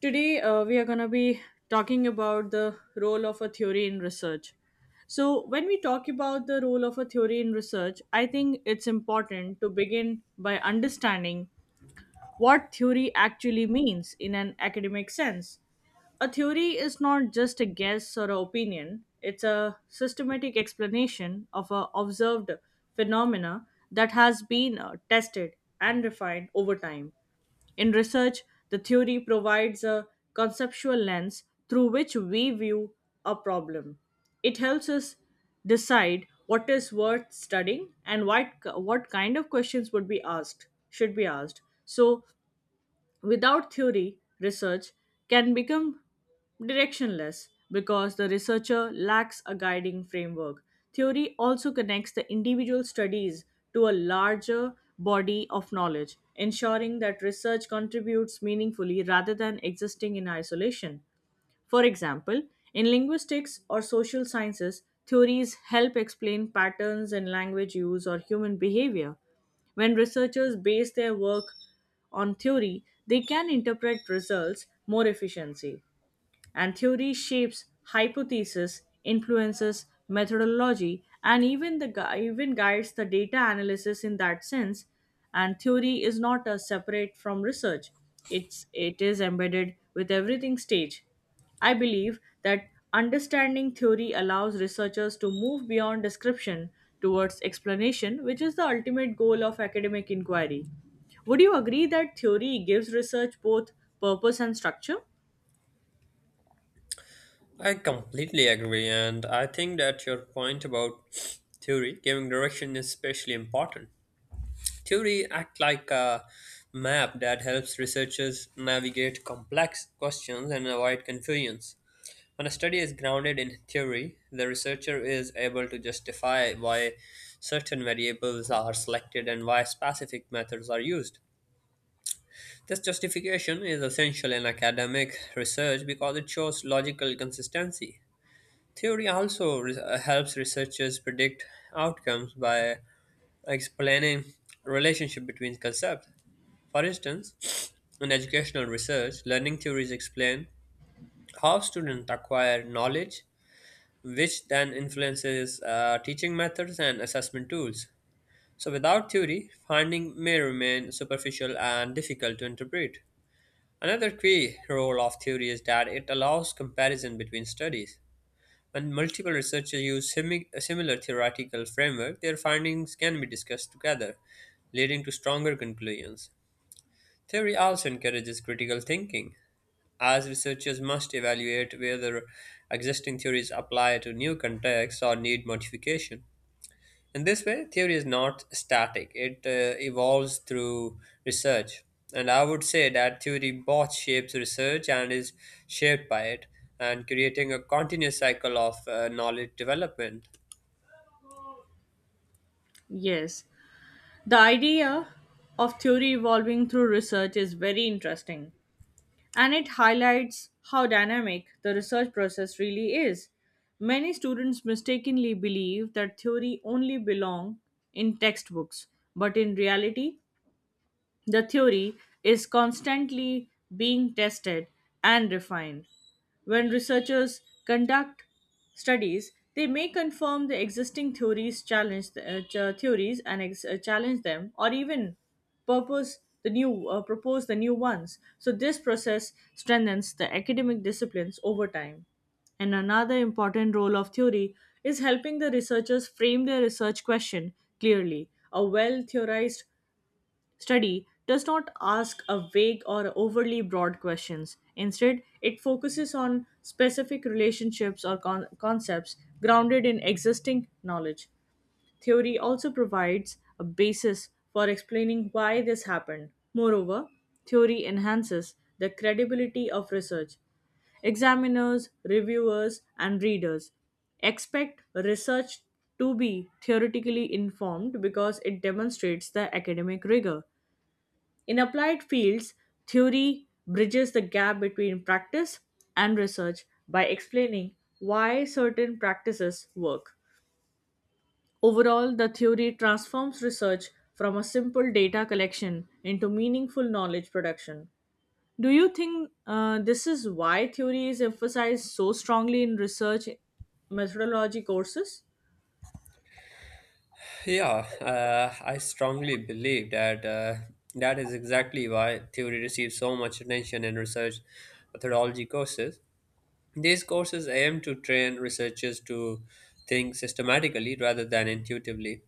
Today, we are going to be talking about the role of a theory in research. So, when we talk about the role of a theory in research, I think it's important to begin by understanding what theory actually means in an academic sense. A theory is not just a guess or an opinion, it's a systematic explanation of a observed phenomena that has been tested and refined over time. In research, the theory provides a conceptual lens through which we view a problem. It helps us decide what is worth studying and what kind of questions would be asked, should be asked. So, without theory, research can become directionless because the researcher lacks a guiding framework. Theory also connects the individual studies to a larger body of knowledge, ensuring that research contributes meaningfully rather than existing in isolation. For example, in linguistics or social sciences, theories help explain patterns in language use or human behavior. When researchers base their work on theory, they can interpret results more efficiently and theory shapes hypotheses, influences methodology, and even guides the data analysis in that sense. And theory is not a separate from research; it is embedded with everything stage. I believe that understanding theory allows researchers to move beyond description towards explanation, which is the ultimate goal of academic inquiry. Would you agree that theory gives research both purpose and structure? I completely agree, and I think that your point about theory giving direction is especially important. Theory act like a map that helps researchers navigate complex questions and avoid confusions. When a study is grounded in theory, the researcher is able to justify why certain variables are selected and why specific methods are used. This justification is essential in academic research because it shows logical consistency. Theory also helps researchers predict outcomes by explaining relationship between concepts. For instance, in educational research, learning theories explain how students acquire knowledge, which then influences teaching methods and assessment tools. So, without theory, finding may remain superficial and difficult to interpret. Another key role of theory is that it allows comparison between studies. When multiple researchers use a similar theoretical framework, their findings can be discussed together, leading to stronger conclusions. Theory also encourages critical thinking, as researchers must evaluate whether existing theories apply to new contexts or need modification. In this way, theory is not static, it evolves through research. And I would say that theory both shapes research and is shaped by it, and creating a continuous cycle of knowledge development. Yes. The idea of theory evolving through research is very interesting, and it highlights how dynamic the research process really is. Many students mistakenly believe that theory only belong in textbooks, but in reality, the theory is constantly being tested and refined. When researchers conduct studies, they may confirm the existing theories, challenge theories, and challenge them, or even purpose the new propose the new ones. So this process strengthens the academic disciplines over time. And another important role of theory is helping the researchers frame their research question clearly. A well theorized study does not ask a vague or overly broad questions. Instead, it focuses on specific relationships or concepts grounded in existing knowledge. Theory also provides a basis for explaining why this happened. Moreover, theory enhances the credibility of research. Examiners, reviewers, and readers expect research to be theoretically informed because it demonstrates the academic rigor in applied fields, theory bridges the gap between practice and research by explaining why certain practices work. Overall, the theory transforms research from a simple data collection into meaningful knowledge production. Do you think this is why theory is emphasized so strongly in research methodology courses? Yeah, I strongly believe that that is exactly why theory receives so much attention in research methodology courses. These courses aim to train researchers to think systematically rather than intuitively.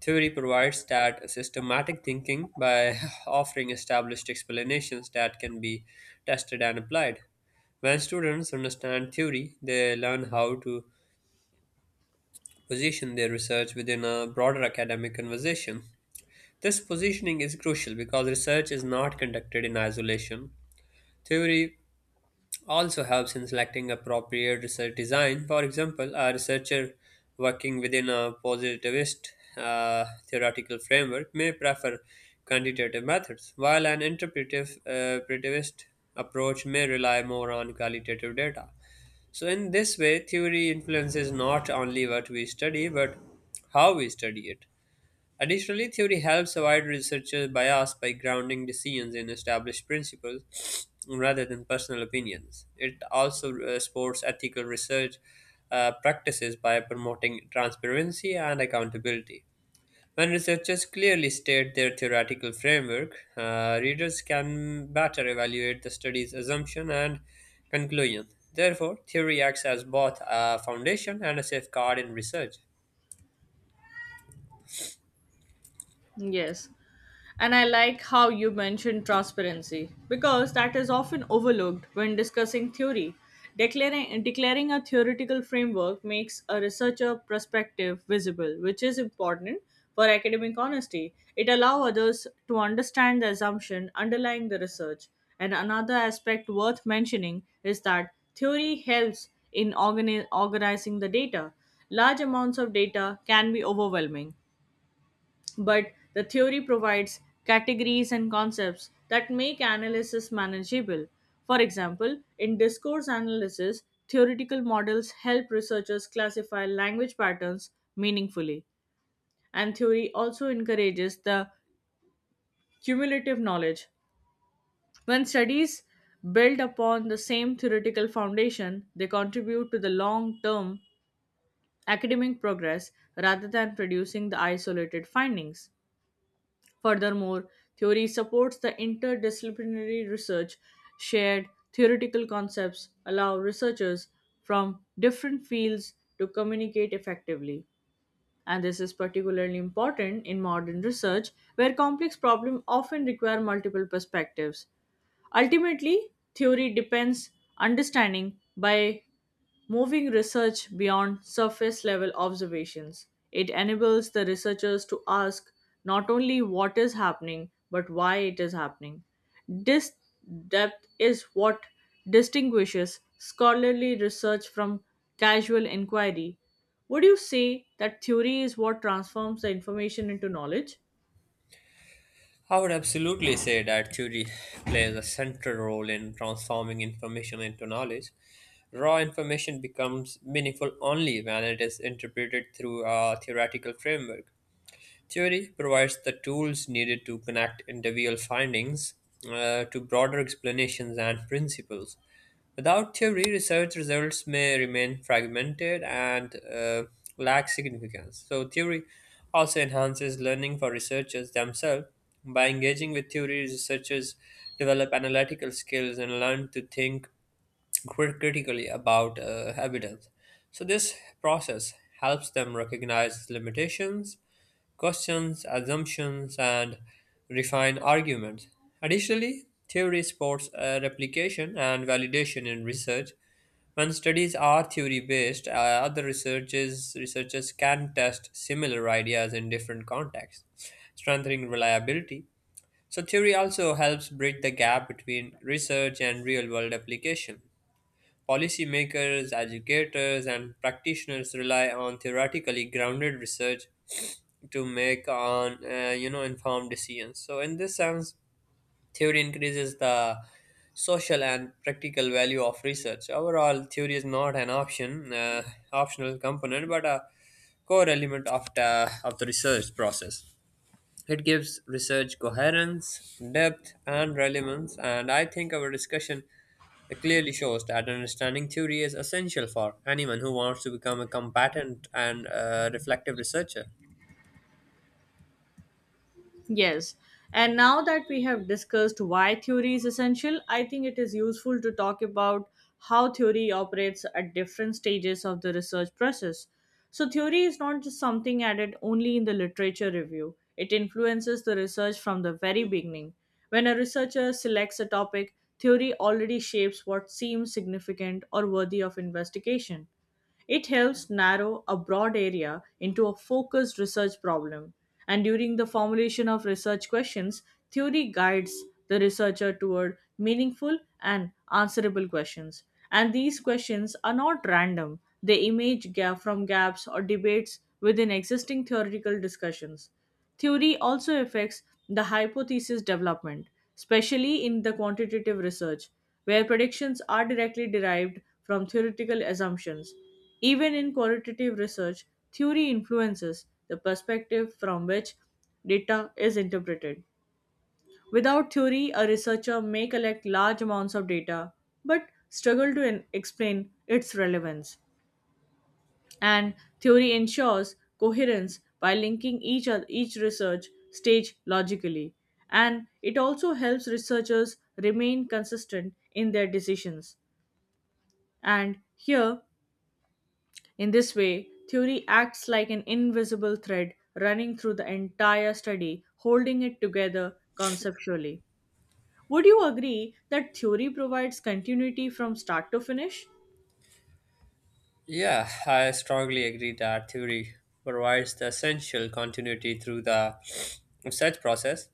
Theory provides that systematic thinking by offering established explanations that can be tested and applied. When students understand theory, they learn how to position their research within a broader academic conversation. This positioning is crucial because research is not conducted in isolation. Theory also helps in selecting appropriate research design. For example, a researcher working within a positivist theoretical framework may prefer quantitative methods, while an interpretive interpretivist approach may rely more on qualitative data. So, in this way, theory influences not only what we study but how we study it. Additionally, theory helps avoid researcher bias by grounding decisions in established principles rather than personal opinions. It also supports ethical research practices by promoting transparency and accountability. When researchers clearly state their theoretical framework, readers can better evaluate the study's assumption and conclusion. Therefore, theory acts as both a foundation and a safeguard in research. Yes. And I like how you mentioned transparency because that is often overlooked when discussing theory. Declaring a theoretical framework makes a researcher perspective visible, which is important for academic honesty. It allows others to understand the assumption underlying the research. And another aspect worth mentioning is that theory helps in organizing the data. Large amounts of data can be overwhelming, but the theory provides categories and concepts that make analysis manageable. For example, in discourse analysis, theoretical models help researchers classify language patterns meaningfully, and theory also encourages the cumulative knowledge. When studies build upon the same theoretical foundation, they contribute to the long term academic progress rather than producing the isolated findings. Furthermore, theory supports the interdisciplinary research. Shared theoretical concepts allow researchers from different fields to communicate effectively. And this is particularly important in modern research, where complex problems often require multiple perspectives. Ultimately, theory depends understanding by moving research beyond surface level observations, it enables the researchers to ask not only what is happening, but why it is happening. This depth is what distinguishes scholarly research from casual inquiry. Would you say that theory is what transforms the information into knowledge? I would absolutely say that theory plays a central role in transforming information into knowledge. Raw information becomes meaningful only when it is interpreted through a theoretical framework. Theory provides the tools needed to connect individual findings to broader explanations and principles. Without theory, research results may remain fragmented and lack significance. So, theory also enhances learning for researchers themselves. By engaging with theory, researchers develop analytical skills and learn to think critically about evidence. So, this process helps them recognize limitations questions, assumptions, and refine arguments. Additionally, theory supports replication and validation in research. When studies are theory based, other researchers can test similar ideas in different contexts, strengthening reliability. So, theory also helps bridge the gap between research and real world application. Policymakers, educators, and practitioners rely on theoretically grounded research to make on you know informed decisions. So, in this sense, theory increases the social and practical value of research. Overall, theory is not an optional component but a core element of the research process. It gives research coherence, depth, and relevance, and I think our discussion clearly shows that understanding theory is essential for anyone who wants to become a competent and reflective researcher. Yes. And now that we have discussed why theory is essential, I think it is useful to talk about how theory operates at different stages of the research process. So, theory is not just something added only in the literature review, it influences the research from the very beginning. When a researcher selects a topic, theory already shapes what seems significant or worthy of investigation. It helps narrow a broad area into a focused research problem. And during the formulation of research questions, theory guides the researcher toward meaningful and answerable questions. And these questions are not random, they emerge from gaps or debates within existing theoretical discussions. Theory also affects the hypothesis development, especially in the quantitative research, where predictions are directly derived from theoretical assumptions. Even in qualitative research, theory influences the perspective from which data is interpreted. Without theory, a researcher may collect large amounts of data but struggle to explain its relevance. And theory ensures coherence by linking each research stage logically. And it also helps researchers remain consistent in their decisions. And here, In this way, theory acts like an invisible thread running through the entire study, holding it together conceptually. Would you agree that theory provides continuity from start to finish? Yeah, I strongly agree that theory provides the essential continuity through the research process.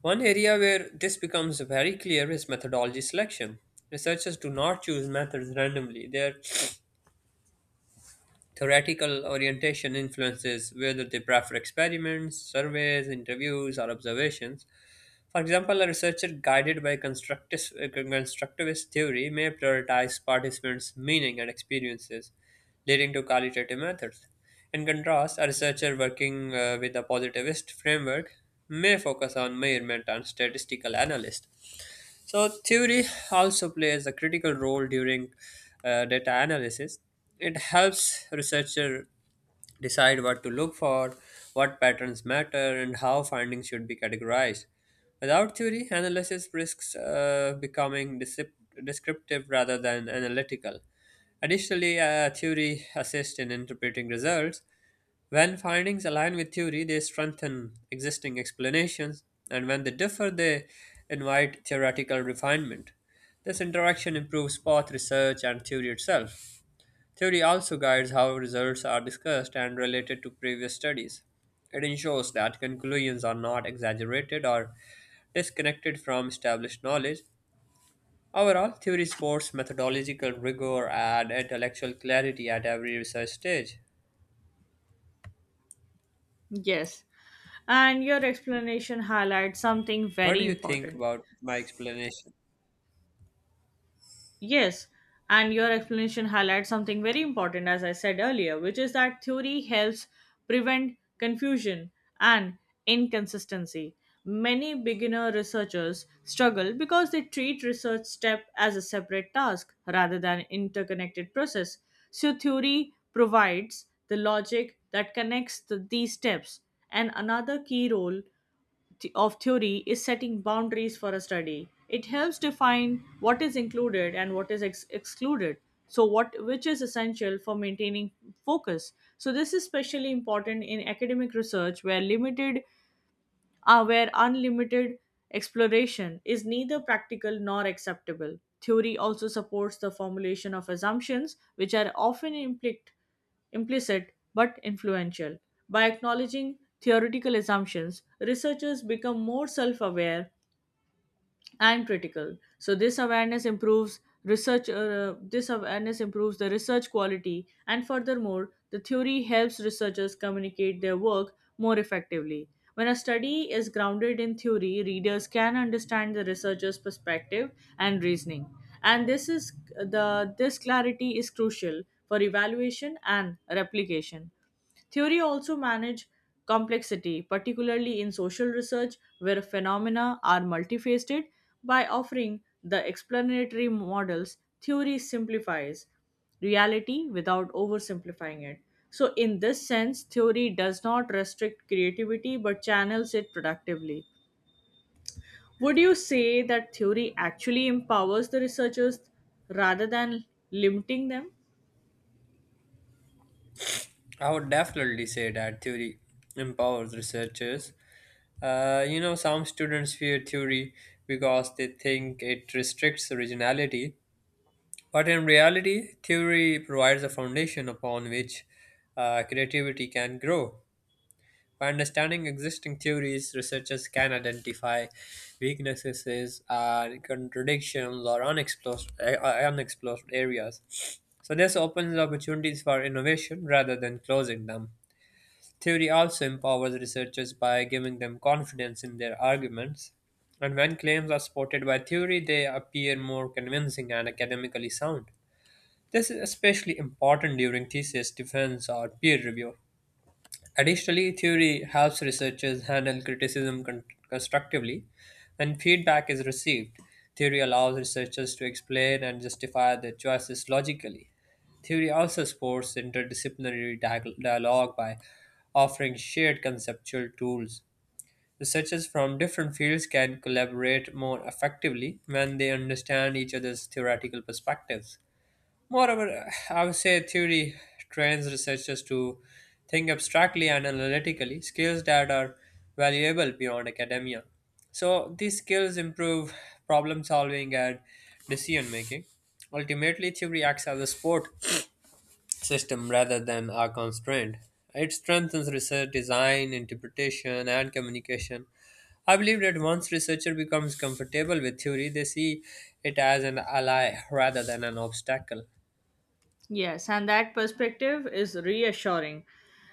One area where this becomes very clear is methodology selection. Researchers do not choose methods randomly. Their theoretical orientation influences whether they prefer experiments, surveys, interviews, or observations. For example, a researcher guided by constructivist theory may prioritize participants' meaning and experiences, leading to qualitative methods. In contrast, a researcher working with a positivist framework may focus on measurement and statistical analysis. So, theory also plays a critical role during data analysis. It helps researcher decide what to look for, what patterns matter, and how findings should be categorized. Without theory, analysis risks becoming descriptive rather than analytical. Additionally, theory assists in interpreting results. When findings align with theory, they strengthen existing explanations, and when they differ, they invite theoretical refinement. This interaction improves both research and theory itself. Theory also guides how results are discussed and related to previous studies. It ensures that conclusions are not exaggerated or disconnected from established knowledge. Overall, theory supports methodological rigor and intellectual clarity at every research stage. Yes, and your explanation highlights something What very do you think important. about my explanation? Yes, and your explanation highlights something very important, as I said earlier, which is that theory helps prevent confusion and inconsistency. Many beginner researchers struggle because they treat research step as a separate task rather than interconnected process. So, theory provides the logic that connects these steps. And another key role of theory is setting boundaries for a study. It helps define what is included and what is excluded. So, what which is essential for maintaining focus. So, this is especially important in academic research where unlimited exploration is neither practical nor acceptable. Theory also supports the formulation of assumptions, which are often implicit but influential. By acknowledging theoretical assumptions, researchers become more self aware and critical, so this awareness improves the research quality. And furthermore, the theory helps researchers communicate their work more effectively. When a study is grounded in theory, readers can understand the researcher's perspective and reasoning, and this clarity is crucial for evaluation and replication. Theory also manage complexity, particularly in social research where phenomena are multifaceted. By offering the explanatory models, theory simplifies reality without oversimplifying it. So, in this sense, theory does not restrict creativity but channels it productively. Would you say that theory actually empowers the researchers rather than limiting them? I would definitely say that theory empowers researchers. You know, some students fear theory because they think it restricts originality, but in reality, theory provides a foundation upon which creativity can grow. By understanding existing theories, researchers can identify weaknesses and contradictions or unexplored areas. So, this opens opportunities for innovation rather than closing them. Theory also empowers researchers by giving them confidence in their arguments. And when claims are supported by theory, they appear more convincing and academically sound. This is especially important during thesis defense or peer review. Additionally, theory helps researchers handle criticism constructively. When feedback is received, theory allows researchers to explain and justify their choices logically. Theory also supports interdisciplinary dialogue by offering shared conceptual tools. Researchers from different fields can collaborate more effectively when they understand each other's theoretical perspectives. Moreover, I would say theory trains researchers to think abstractly and analytically, skills that are valuable beyond academia. So, these skills improve problem solving and decision making. Ultimately, theory acts as a support system rather than a constraint. It strengthens research design, interpretation, and communication. I believe that once researcher becomes comfortable with theory, they see it as an ally rather than an obstacle. Yes, and that perspective is reassuring,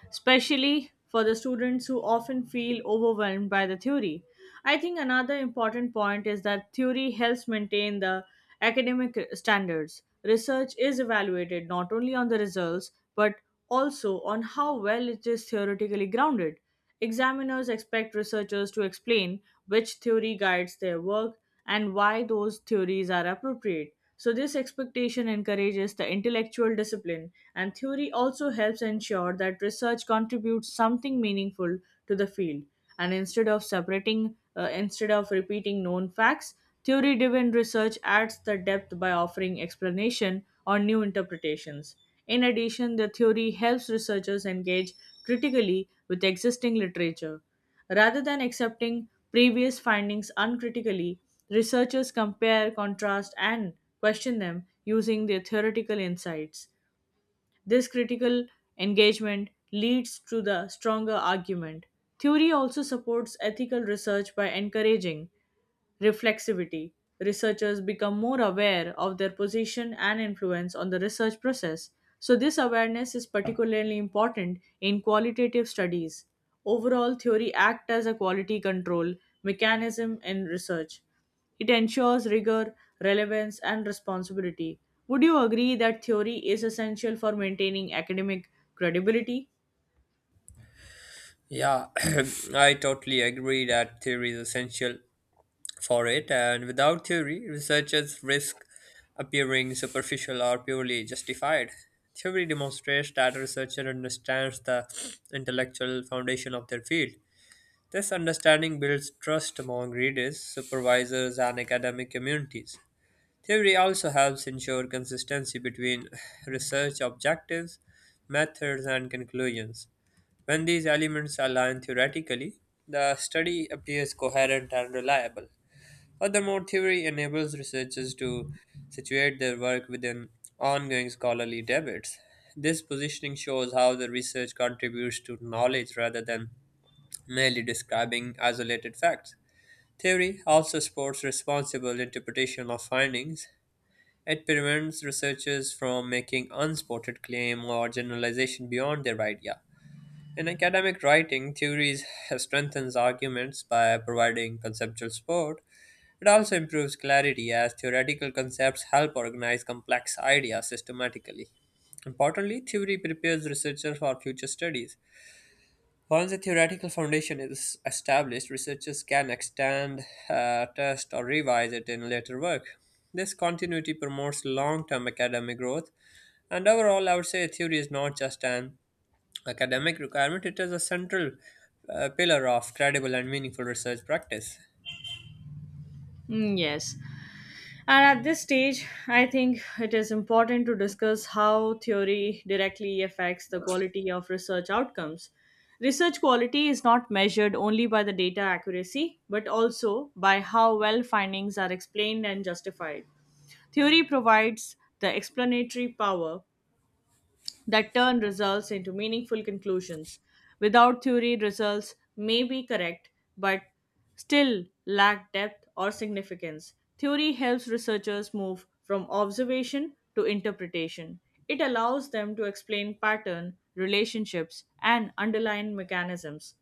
especially for the students who often feel overwhelmed by the theory. I think another important point is that theory helps maintain the academic standards. Research is evaluated not only on the results but also on how well it is theoretically grounded. Examiners expect researchers to explain which theory guides their work and why those theories are appropriate. So, this expectation encourages the intellectual discipline, and theory also helps ensure that research contributes something meaningful to the field. And instead of repeating known facts, theory driven research adds the depth by offering explanation or new interpretations. In addition, the theory helps researchers engage critically with existing literature rather than accepting previous findings uncritically. Researchers compare, contrast, and question them using their theoretical insights. This critical engagement leads to the stronger argument. Theory also supports ethical research by encouraging reflexivity. Researchers become more aware of their position and influence on the research process. So, this awareness is particularly important in qualitative studies. Overall, theory acts as a quality control mechanism in research. It ensures rigor, relevance, and responsibility. Would you agree that theory is essential for maintaining academic credibility? Yeah, I totally agree that theory is essential for it, and without theory, researchers risk appearing superficial or purely justified. Theory demonstrates that a researcher understands the intellectual foundation of their field. This understanding builds trust among readers, supervisors, and academic communities. Theory also helps ensure consistency between research objectives, methods, and conclusions. When these elements align theoretically, the study appears coherent and reliable. Furthermore, theory enables researchers to situate their work within ongoing scholarly debates. This positioning shows how the research contributes to knowledge rather than merely describing isolated facts. Theory also supports responsible interpretation of findings. It prevents researchers from making unsupported claim or generalization beyond their idea. In academic writing, theories strengthens arguments by providing conceptual support. It also improves clarity as theoretical concepts help organize complex ideas systematically. Importantly, theory prepares researchers for future studies. Once a theoretical foundation is established, researchers can extend, test, or revise it in later work. This continuity promotes long term academic growth, and overall, I would say theory is not just an academic requirement, it is a central pillar of credible and meaningful research practice. Mm, yes. And at this stage, I think it is important to discuss how theory directly affects the quality of research outcomes. Research quality is not measured only by the data accuracy, but also by how well findings are explained and justified. Theory provides the explanatory power that turn results into meaningful conclusions. Without theory, results may be correct but still lack depth or significance. Theory helps researchers move from observation to interpretation. It allows them to explain pattern, relationships, and underlying mechanisms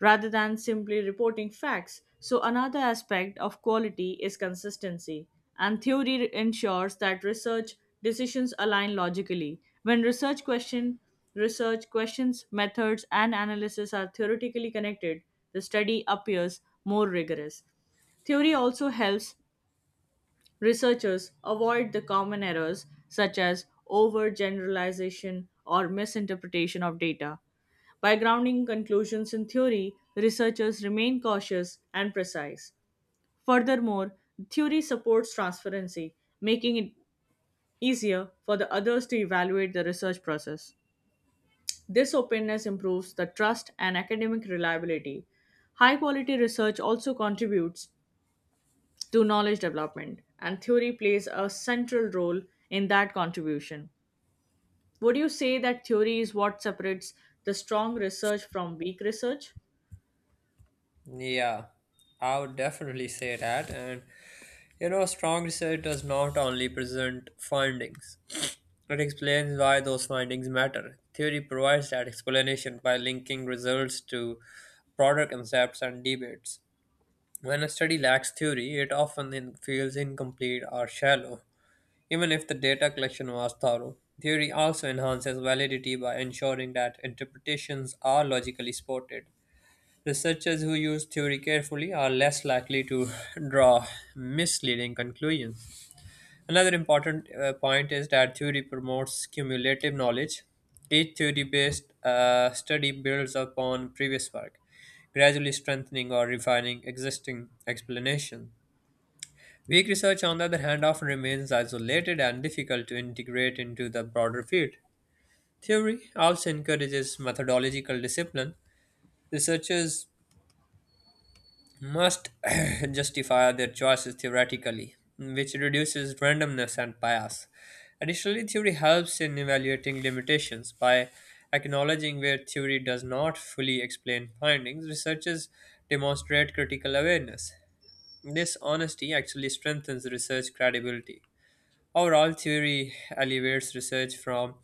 rather than simply reporting facts. So, another aspect of quality is consistency, and theory ensures that research decisions align logically. When research questions, methods, and analysis are theoretically connected, the study appears more rigorous. Theory also helps researchers avoid the common errors such as overgeneralization or misinterpretation of data. By grounding conclusions in theory, researchers remain cautious and precise. Furthermore, theory supports transparency, making it easier for the others to evaluate the research process. This openness improves the trust and academic reliability. High quality research also contributes to knowledge development, and theory plays a central role in that contribution. Would you say that theory is what separates the strong research from weak research? Yeah, I would definitely say that. And you know, strong research does not only present findings, it explains why those findings matter. Theory provides that explanation by linking results to broader concepts and debates. When a study lacks theory, it often feels incomplete or shallow. Even if the data collection was thorough, theory also enhances validity by ensuring that interpretations are logically supported. Researchers who use theory carefully are less likely to draw misleading conclusions. Another important point is that theory promotes cumulative knowledge. Each theory based study builds upon previous work, gradually strengthening or refining existing explanations. Weak research, on the other hand, often remains isolated and difficult to integrate into the broader field. Theory also encourages methodological discipline. Researchers must justify their choices theoretically, which reduces randomness and bias. Additionally, theory helps in evaluating limitations by acknowledging where theory does not fully explain findings. Researchers demonstrate critical awareness. This honesty actually strengthens research credibility. Overall, theory elevates research from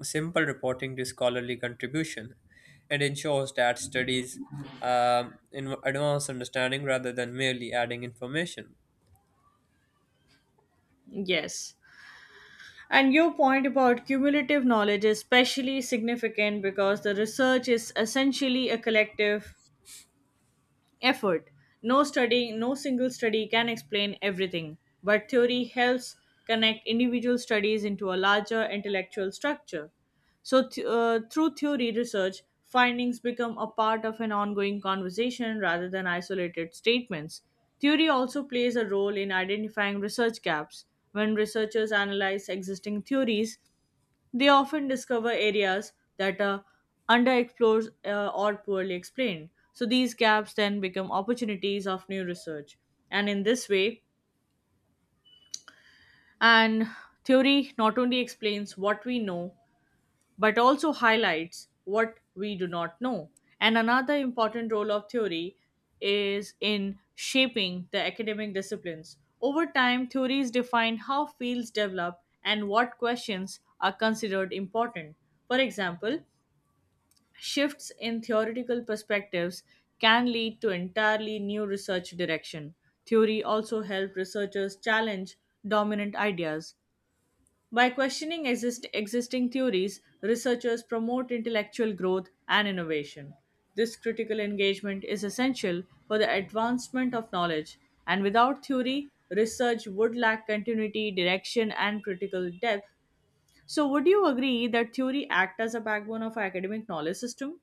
simple reporting to scholarly contribution and ensures that studies in advance understanding rather than merely adding information. Yes. And your point about cumulative knowledge is especially significant because the research is essentially a collective effort. No single study can explain everything, but theory helps connect individual studies into a larger intellectual structure. So, through theory research, findings become a part of an ongoing conversation rather than isolated statements. Theory also plays a role in identifying research gaps. When researchers analyze existing theories, they often discover areas that are underexplored or poorly explained. So these gaps then become opportunities of new research. And in this way, and theory not only explains what we know, but also highlights what we do not know. And another important role of theory is in shaping the academic disciplines. Over time, theories define how fields develop and what questions are considered important. For example, shifts in theoretical perspectives can lead to entirely new research direction. Theory also helps researchers challenge dominant ideas. By questioning existing theories, researchers promote intellectual growth and innovation. This critical engagement is essential for the advancement of knowledge, and without theory, research would lack continuity, direction, and critical depth. So, would you agree that theory acts as a backbone of our academic knowledge system?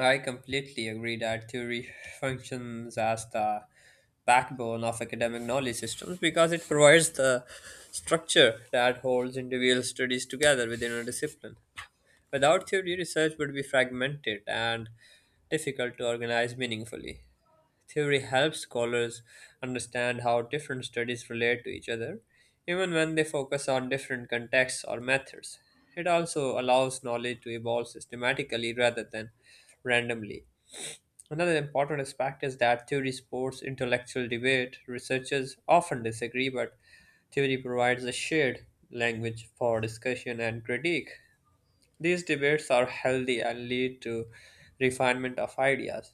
I completely agree that theory functions as the backbone of academic knowledge systems because it provides the structure that holds individual studies together within a discipline. Without theory, research would be fragmented and difficult to organize meaningfully. Theory helps scholars understand how different studies relate to each other, even when they focus on different contexts or methods. It also allows knowledge to evolve systematically rather than randomly. Another important aspect is that theory supports intellectual debate. Researchers often disagree, but theory provides a shared language for discussion and critique. These debates are healthy and lead to refinement of ideas.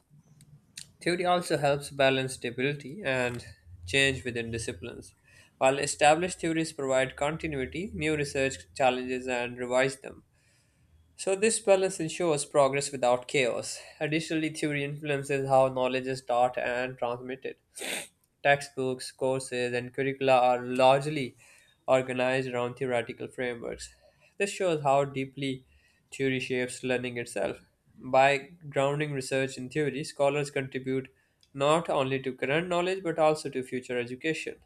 Theory also helps balance stability and change within disciplines. While established theories provide continuity, new research challenges and revise them. So, this balance ensures progress without chaos. Additionally, theory influences how knowledge is taught and transmitted. Textbooks, courses, and curricula are largely organized around theoretical frameworks. This shows how deeply theory shapes learning itself. By grounding research in theory, scholars contribute not only to current knowledge but also to future education.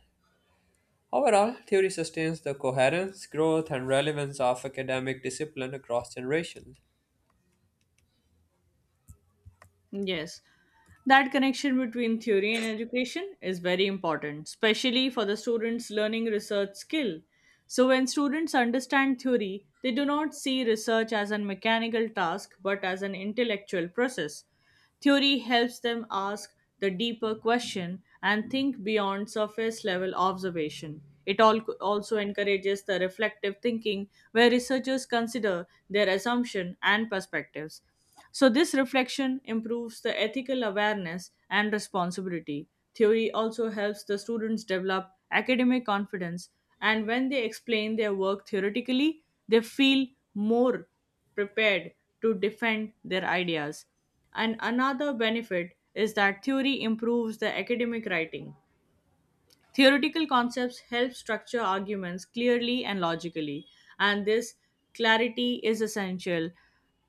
Overall, theory sustains the coherence, growth, and relevance of academic discipline across generations. Yes. That connection between theory and education is very important, especially for the students learning research skill. So when students understand theory, they do not see research as a mechanical task but as an intellectual process. Theory helps them ask the deeper question and think beyond surface level observation. It all also encourages the reflective thinking where researchers consider their assumption and perspectives. So, this reflection improves the ethical awareness and responsibility. Theory also helps the students develop academic confidence, and when they explain their work theoretically, they feel more prepared to defend their ideas. And another benefit is that theory improves the academic writing. Theoretical concepts help structure arguments clearly and logically, and this clarity is essential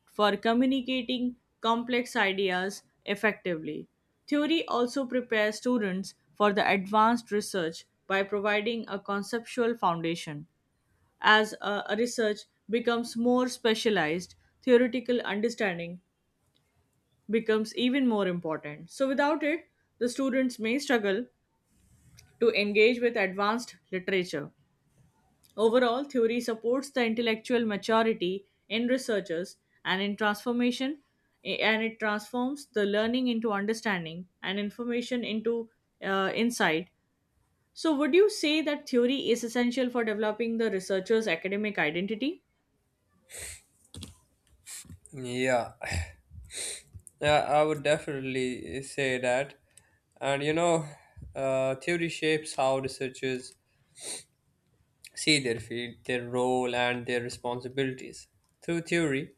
for communicating complex ideas effectively. Theory also prepares students for the advanced research by providing a conceptual foundation. As a research becomes more specialized, theoretical understanding becomes even more important. So, without it, the students may struggle to engage with advanced literature. Overall, theory supports the intellectual maturity in researchers and in transformation, and it transforms the learning into understanding and information into insight. So, would you say that theory is essential for developing the researcher's academic identity? Yeah, Yeah, I would definitely say that. And you know, theory shapes how researchers see their field, their role, and their responsibilities. Through theory,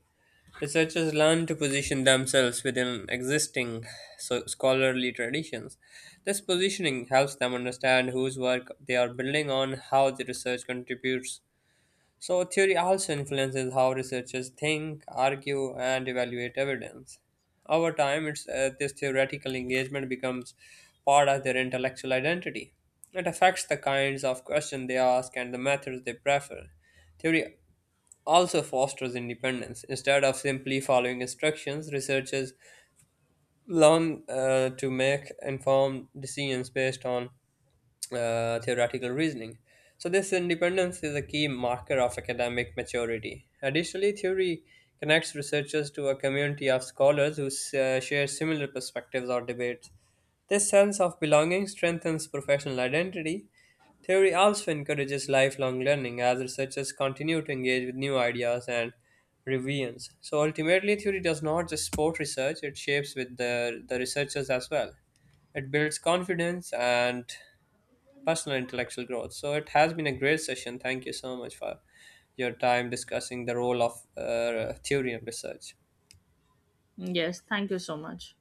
researchers learn to position themselves within existing scholarly traditions. This positioning helps them understand whose work they are building on, how the research contributes. So, theory also influences how researchers think, argue, and evaluate evidence. Over time, this theoretical engagement becomes part of their intellectual identity. It affects the kinds of questions they ask and the methods they prefer. Theory also fosters independence. Instead of simply following instructions, researchers learn to make informed decisions based on theoretical reasoning. So, this independence is a key marker of academic maturity. Additionally, theory connects researchers to a community of scholars who share similar perspectives or debates. This sense of belonging strengthens professional identity. Theory also encourages lifelong learning as researchers continue to engage with new ideas and revisions. So ultimately, theory does not just support research, it shapes the researchers as well. It builds confidence and personal intellectual growth. So it has been a great session. Thank you so much for your time discussing the role of theory and research. Mm, yes, thank you so much.